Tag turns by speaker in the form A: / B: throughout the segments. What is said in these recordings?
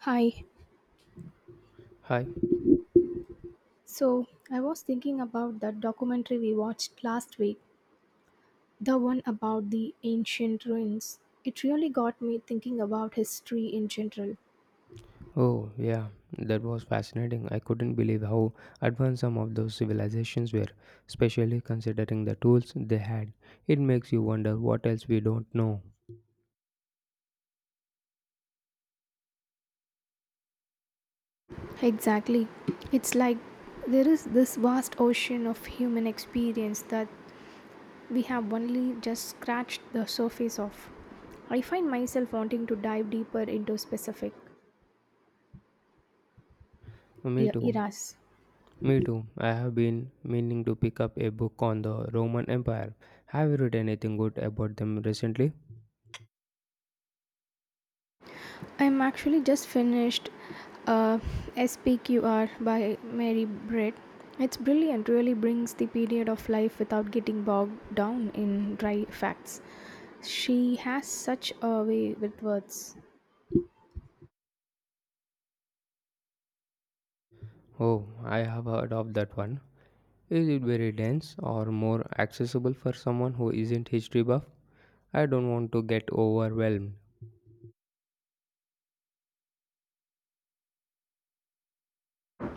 A: Hi.
B: Hi.
A: So, I was thinking about that documentary we watched last week, the one about the ancient ruins. It really got me thinking about history in general.
B: Oh, yeah, that was fascinating. I couldn't believe how advanced some of those civilizations were, especially considering the tools they had. It makes you wonder what else we don't know.
A: Exactly. It's like there is this vast ocean of human experience that we have only just scratched the surface of. I find myself wanting to dive deeper into specific
B: Me too.
A: eras.
B: Me too. I have been meaning to pick up a book on the Roman Empire. Have you read anything good about them recently?
A: I'm actually just finished uh, SPQR by Mary Britt. It's brilliant, really brings the period of life without getting bogged down in dry facts. She has such a way with words.
B: Oh, I have heard of that one. Is it very dense or more accessible for someone who isn't history buff? I don't want to get overwhelmed.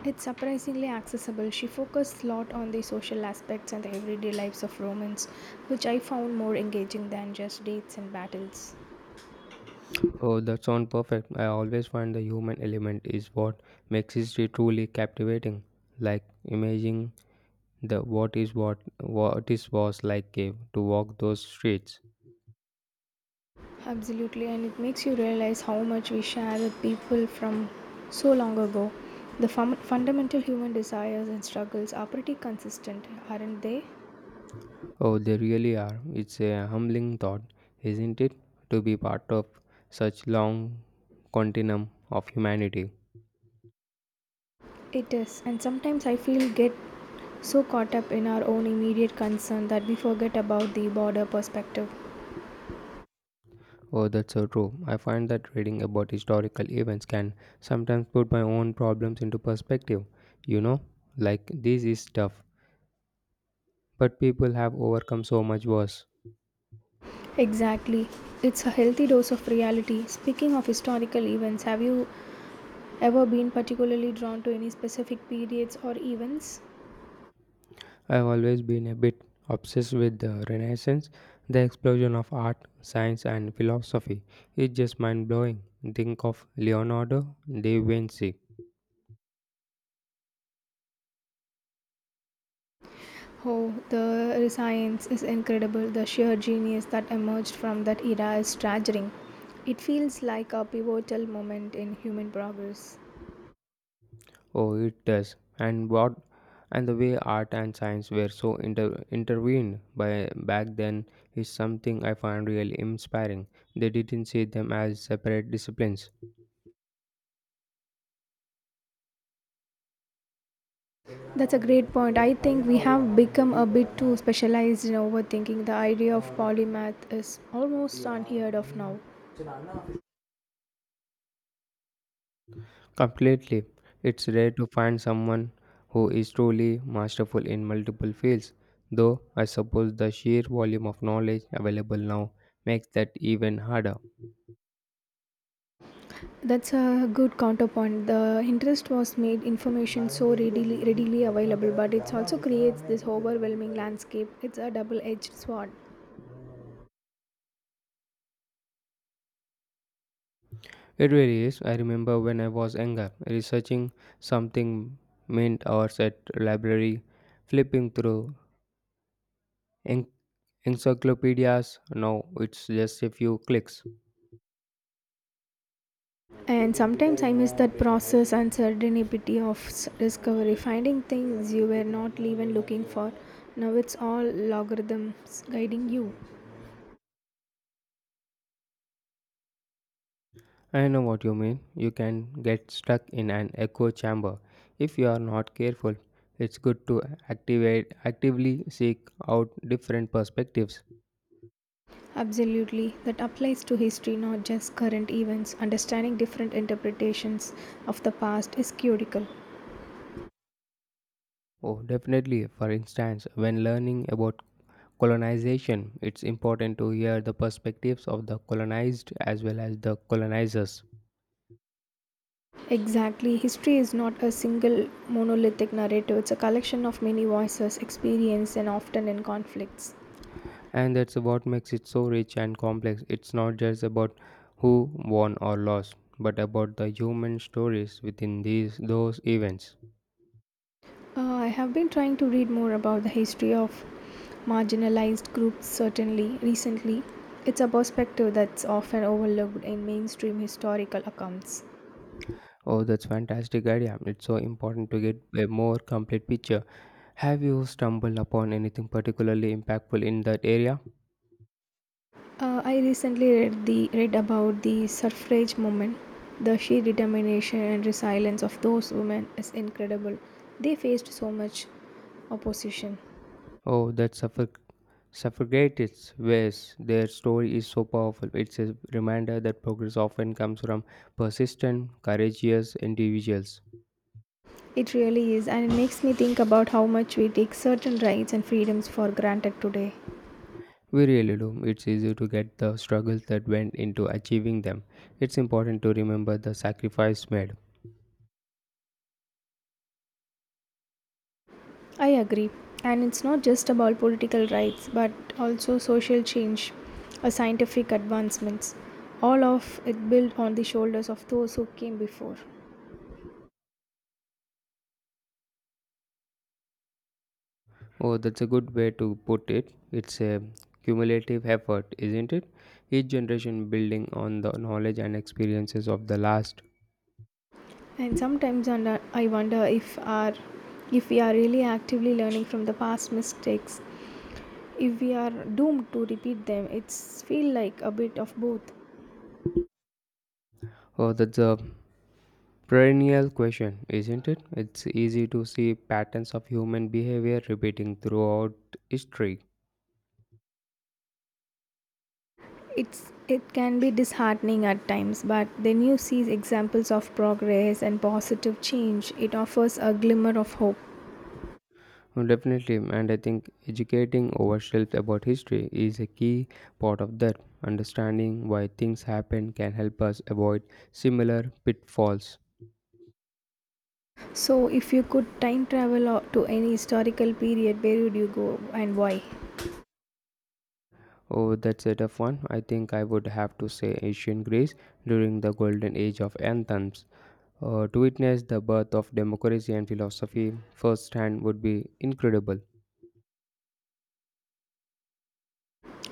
A: It's surprisingly accessible. She focused a lot on the social aspects and the everyday lives of Romans, which I found more engaging than just dates and battles.
B: Oh, that sounds perfect. I always find the human element is what makes history truly captivating. Like imagining the what is was like cave to walk those streets.
A: Absolutely, and it makes you realize how much we share with people from so long ago. The fundamental human desires and struggles are pretty consistent, aren't they?
B: Oh, they really are. It's a humbling thought, isn't it? To be part of such long continuum of humanity.
A: It is, and sometimes I feel get so caught up in our own immediate concern that we forget about the broader perspective.
B: Oh, that's so true. I find that reading about historical events can sometimes put my own problems into perspective. You know, like this is tough but people have overcome so much worse.
A: Exactly. It's a healthy dose of reality. Speaking of historical events, have you ever been particularly drawn to any specific periods or events?
B: I've always been a bit obsessed with the Renaissance, the explosion of art, science, and philosophy. It's just mind blowing. Think of Leonardo da Vinci.
A: Oh, the science is incredible. The sheer genius that emerged from that era is staggering. It feels like a pivotal moment in human progress.
B: Oh, it does. And what? And the way art and science were so intervened by back then is something I find really inspiring. They didn't see them as separate disciplines.
A: That's a great point. I think we have become a bit too specialized in overthinking. The idea of polymath is almost unheard of now.
B: Completely. It's rare to find someone who is truly masterful in multiple fields, though I suppose the sheer volume of knowledge available now makes that even harder.
A: That's a good counterpoint. The interest was made information so readily available, but it also creates this overwhelming landscape. It's a double-edged sword.
B: It really is. I remember when I was younger, researching something meant hours at library, flipping through en- encyclopedias. Now it's just a few clicks.
A: And sometimes I miss that process and serendipity of discovery, finding things you were not even looking for. Now it's all logarithms guiding you.
B: I know what you mean. You can get stuck in an echo chamber if you are not careful. It's good to activate actively seek out different perspectives.
A: Absolutely, that applies to history, not just current events. Understanding different interpretations of the past is critical.
B: Oh, definitely. For instance, when learning about colonization, it's important to hear the perspectives of the colonized as well as the colonizers.
A: Exactly, history is not a single monolithic narrative, it's a collection of many voices, experience, and often in conflicts.
B: And that's what makes it so rich and complex. It's not just about who won or lost, but about the human stories within these those events.
A: I have been trying to read more about the history of marginalized groups, certainly recently. It's a perspective that's often overlooked in mainstream historical accounts.
B: Oh, that's fantastic idea. It's so important to get a more complete picture. Have you stumbled upon anything particularly impactful in that area?
A: I recently read about the suffrage movement. The sheer determination and resilience of those women is incredible. They faced so much opposition.
B: Oh, that suffragettes ways their story is so powerful. It's a reminder that progress often comes from persistent, courageous individuals.
A: It really is, and it makes me think about how much we take certain rights and freedoms for granted today.
B: We really do. It's easy to get the struggles that went into achieving them. It's important to remember the sacrifice made.
A: I agree. And it's not just about political rights, but also social change or scientific advancements. All of it built on the shoulders of those who came before.
B: Oh, that's a good way to put it. It's a cumulative effort, isn't it? Each generation building on the knowledge and experiences of the last.
A: And sometimes under, I wonder if we are really actively learning from the past mistakes. If we are doomed to repeat them, it's feel like a bit of both.
B: Oh, that's a perennial question, isn't it? It's easy to see patterns of human behavior repeating throughout history.
A: It's it can be disheartening at times, but then you see examples of progress and positive change. It offers a glimmer of hope.
B: Oh, definitely, and I think educating ourselves about history is a key part of that. Understanding why things happen can help us avoid similar pitfalls.
A: So, if you could time travel to any historical period, where would you go and why?
B: Oh, that's a tough one. I think I would have to say ancient Greece during the golden age of anthems. To witness the birth of democracy and philosophy firsthand would be incredible.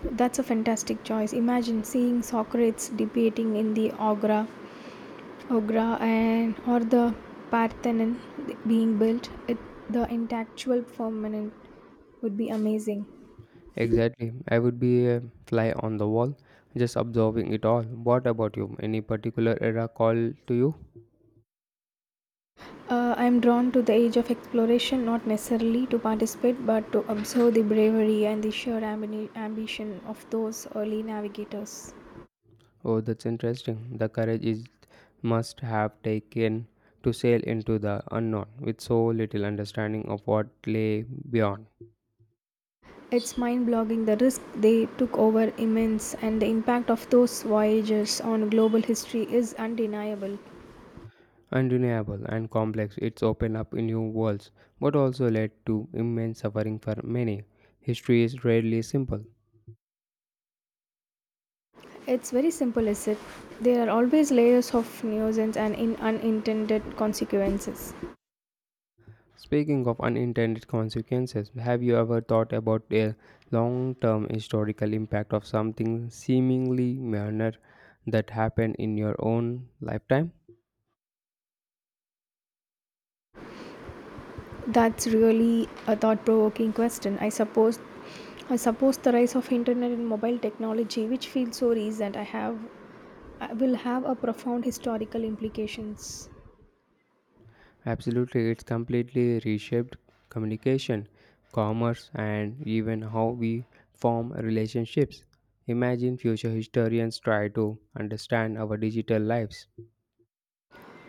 A: That's a fantastic choice. Imagine seeing Socrates debating in the Agra, and or the Parthenon being built. It, the intellectual permanent would be amazing.
B: Exactly. I would be a fly on the wall, just observing it all. What about you? Any particular era call to you?
A: I am drawn to the age of exploration, not necessarily to participate, but to observe the bravery and the sheer ambition of those early navigators.
B: Oh, that's interesting. The courage is must have taken to sail into the unknown with so little understanding of what lay beyond.
A: It's mind-boggling the risk they took over immense and the impact of those voyages on global history is undeniable.
B: Undeniable and complex, it's opened up new worlds, but also led to immense suffering for many. History is rarely simple.
A: It's very simple, is it? There are always layers of nuisance and in unintended consequences.
B: Speaking of unintended consequences, have you ever thought about a long term historical impact of something seemingly minor that happened in your own lifetime?
A: That's really a thought-provoking question. I suppose the rise of internet and mobile technology, which feels so recent, I have will have a profound historical implications.
B: Absolutely, it's completely reshaped communication, commerce, and even how we form relationships. Imagine future historians try to understand our digital lives.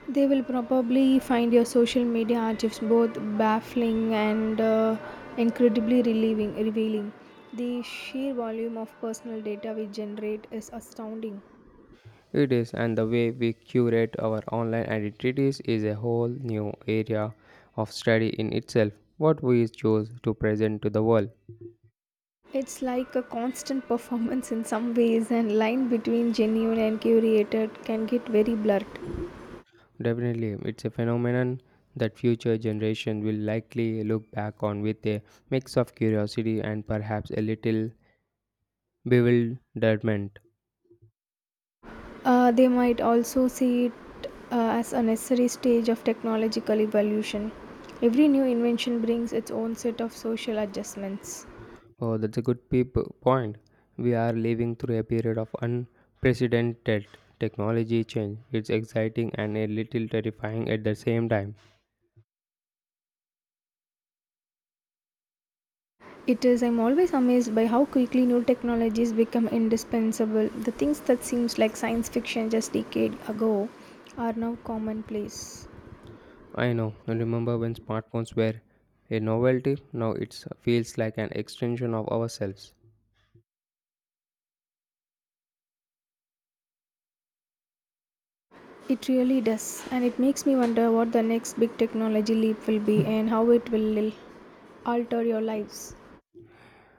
A: They will probably find your social media archives both baffling and incredibly relieving, revealing. The sheer volume of personal data we generate is astounding.
B: It is, and the way we curate our online identities is a whole new area of study in itself. What we choose to present to the world.
A: It's like a constant performance in some ways, and line between genuine and curated can get very blurred.
B: Definitely, it's a phenomenon that future generation will likely look back on with a mix of curiosity and perhaps a little bewilderment.
A: They might also see it as a necessary stage of technological evolution. Every new invention brings its own set of social adjustments.
B: Oh, that's a good peep point. We are living through a period of unprecedented technology change. It's exciting and a little terrifying at the same time.
A: It is, I'm always amazed by how quickly new technologies become indispensable. The things that seems like science fiction just decade ago are now commonplace.
B: I know. I remember when smartphones were a novelty. Now it feels like an extension of ourselves.
A: It really does, and it makes me wonder what the next big technology leap will be and how it will alter your lives.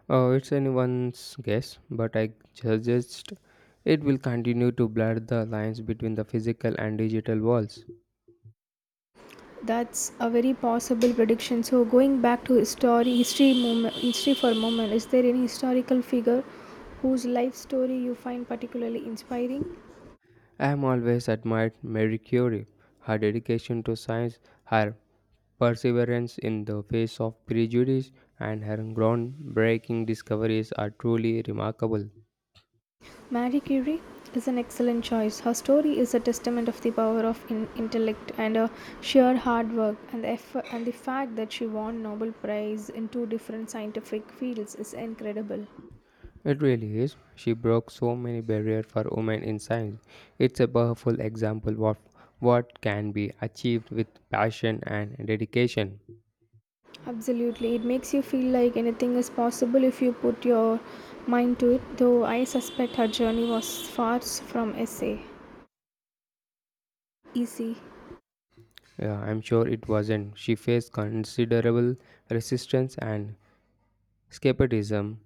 B: Oh, it's anyone's guess, but I suggest it will continue to blur the lines between the physical and digital worlds.
A: That's a very possible prediction. So going back to history for a moment, is there any historical figure whose life story you find particularly inspiring?
B: I have always admired Marie Curie, her dedication to science, her perseverance in the face of prejudice, and her groundbreaking discoveries are truly remarkable.
A: Marie Curie is an excellent choice. Her story is a testament of the power of intellect and her sheer hard work, and the effort and the fact that she won Nobel Prize in two different scientific fields is incredible.
B: It really is. She broke so many barriers for women in science. It's a powerful example of what can be achieved with passion and dedication.
A: Absolutely, it makes you feel like anything is possible if you put your mind to it. Though I suspect her journey was far from easy.
B: Yeah, I'm sure it wasn't. She faced considerable resistance and skepticism.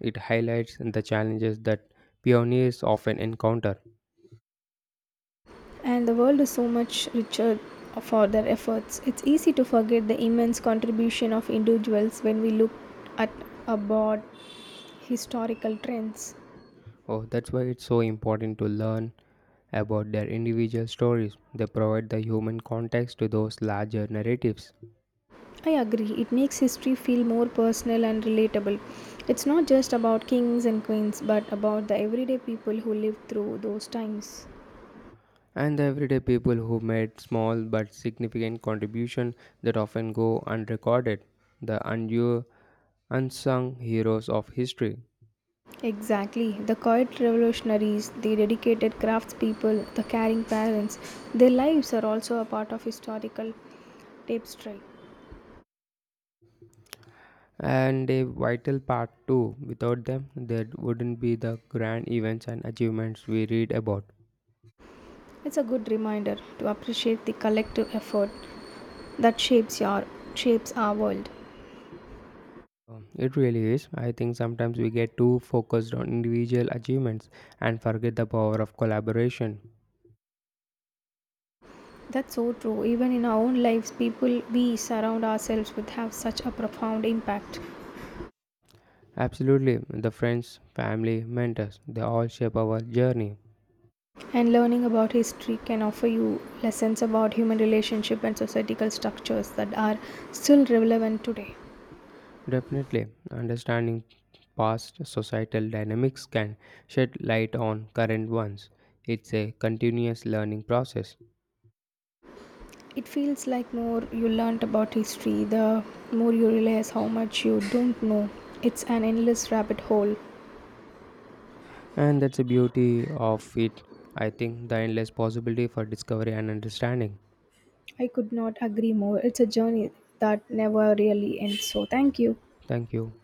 B: It highlights the challenges that pioneers often encounter.
A: And the world is so much richer for their efforts. It's easy to forget the immense contribution of individuals when we look at a broad historical trends.
B: Oh, that's why it's so important to learn about their individual stories. They provide the human context to those larger narratives.
A: I agree, it makes history feel more personal and relatable. It's not just about kings and queens, but about the everyday people who lived through those times.
B: And the everyday people who made small but significant contributions that often go unrecorded, the undue unsung heroes of history.
A: Exactly. The quiet revolutionaries, the dedicated craftspeople, the caring parents, their lives are also a part of historical tapestry.
B: And a vital part too. Without them, there wouldn't be the grand events and achievements we read about.
A: It's a good reminder to appreciate the collective effort that shapes our world.
B: It really is. I think sometimes we get too focused on individual achievements and forget the power of collaboration.
A: That's so true. Even in our own lives, people we surround ourselves with have such a profound impact.
B: Absolutely, the friends, family, mentors, they all shape our journey.
A: And learning about history can offer you lessons about human relationship and societal structures that are still relevant today.
B: Definitely, understanding past societal dynamics can shed light on current ones. It's a continuous learning process,
A: It feels like more you learnt about history, the more you realize how much you don't know. It's an endless rabbit hole.
B: and that's the beauty of it. I think the endless possibility for discovery and understanding.
A: I could not agree more. It's a journey that never really ends. So, thank you.
B: Thank you.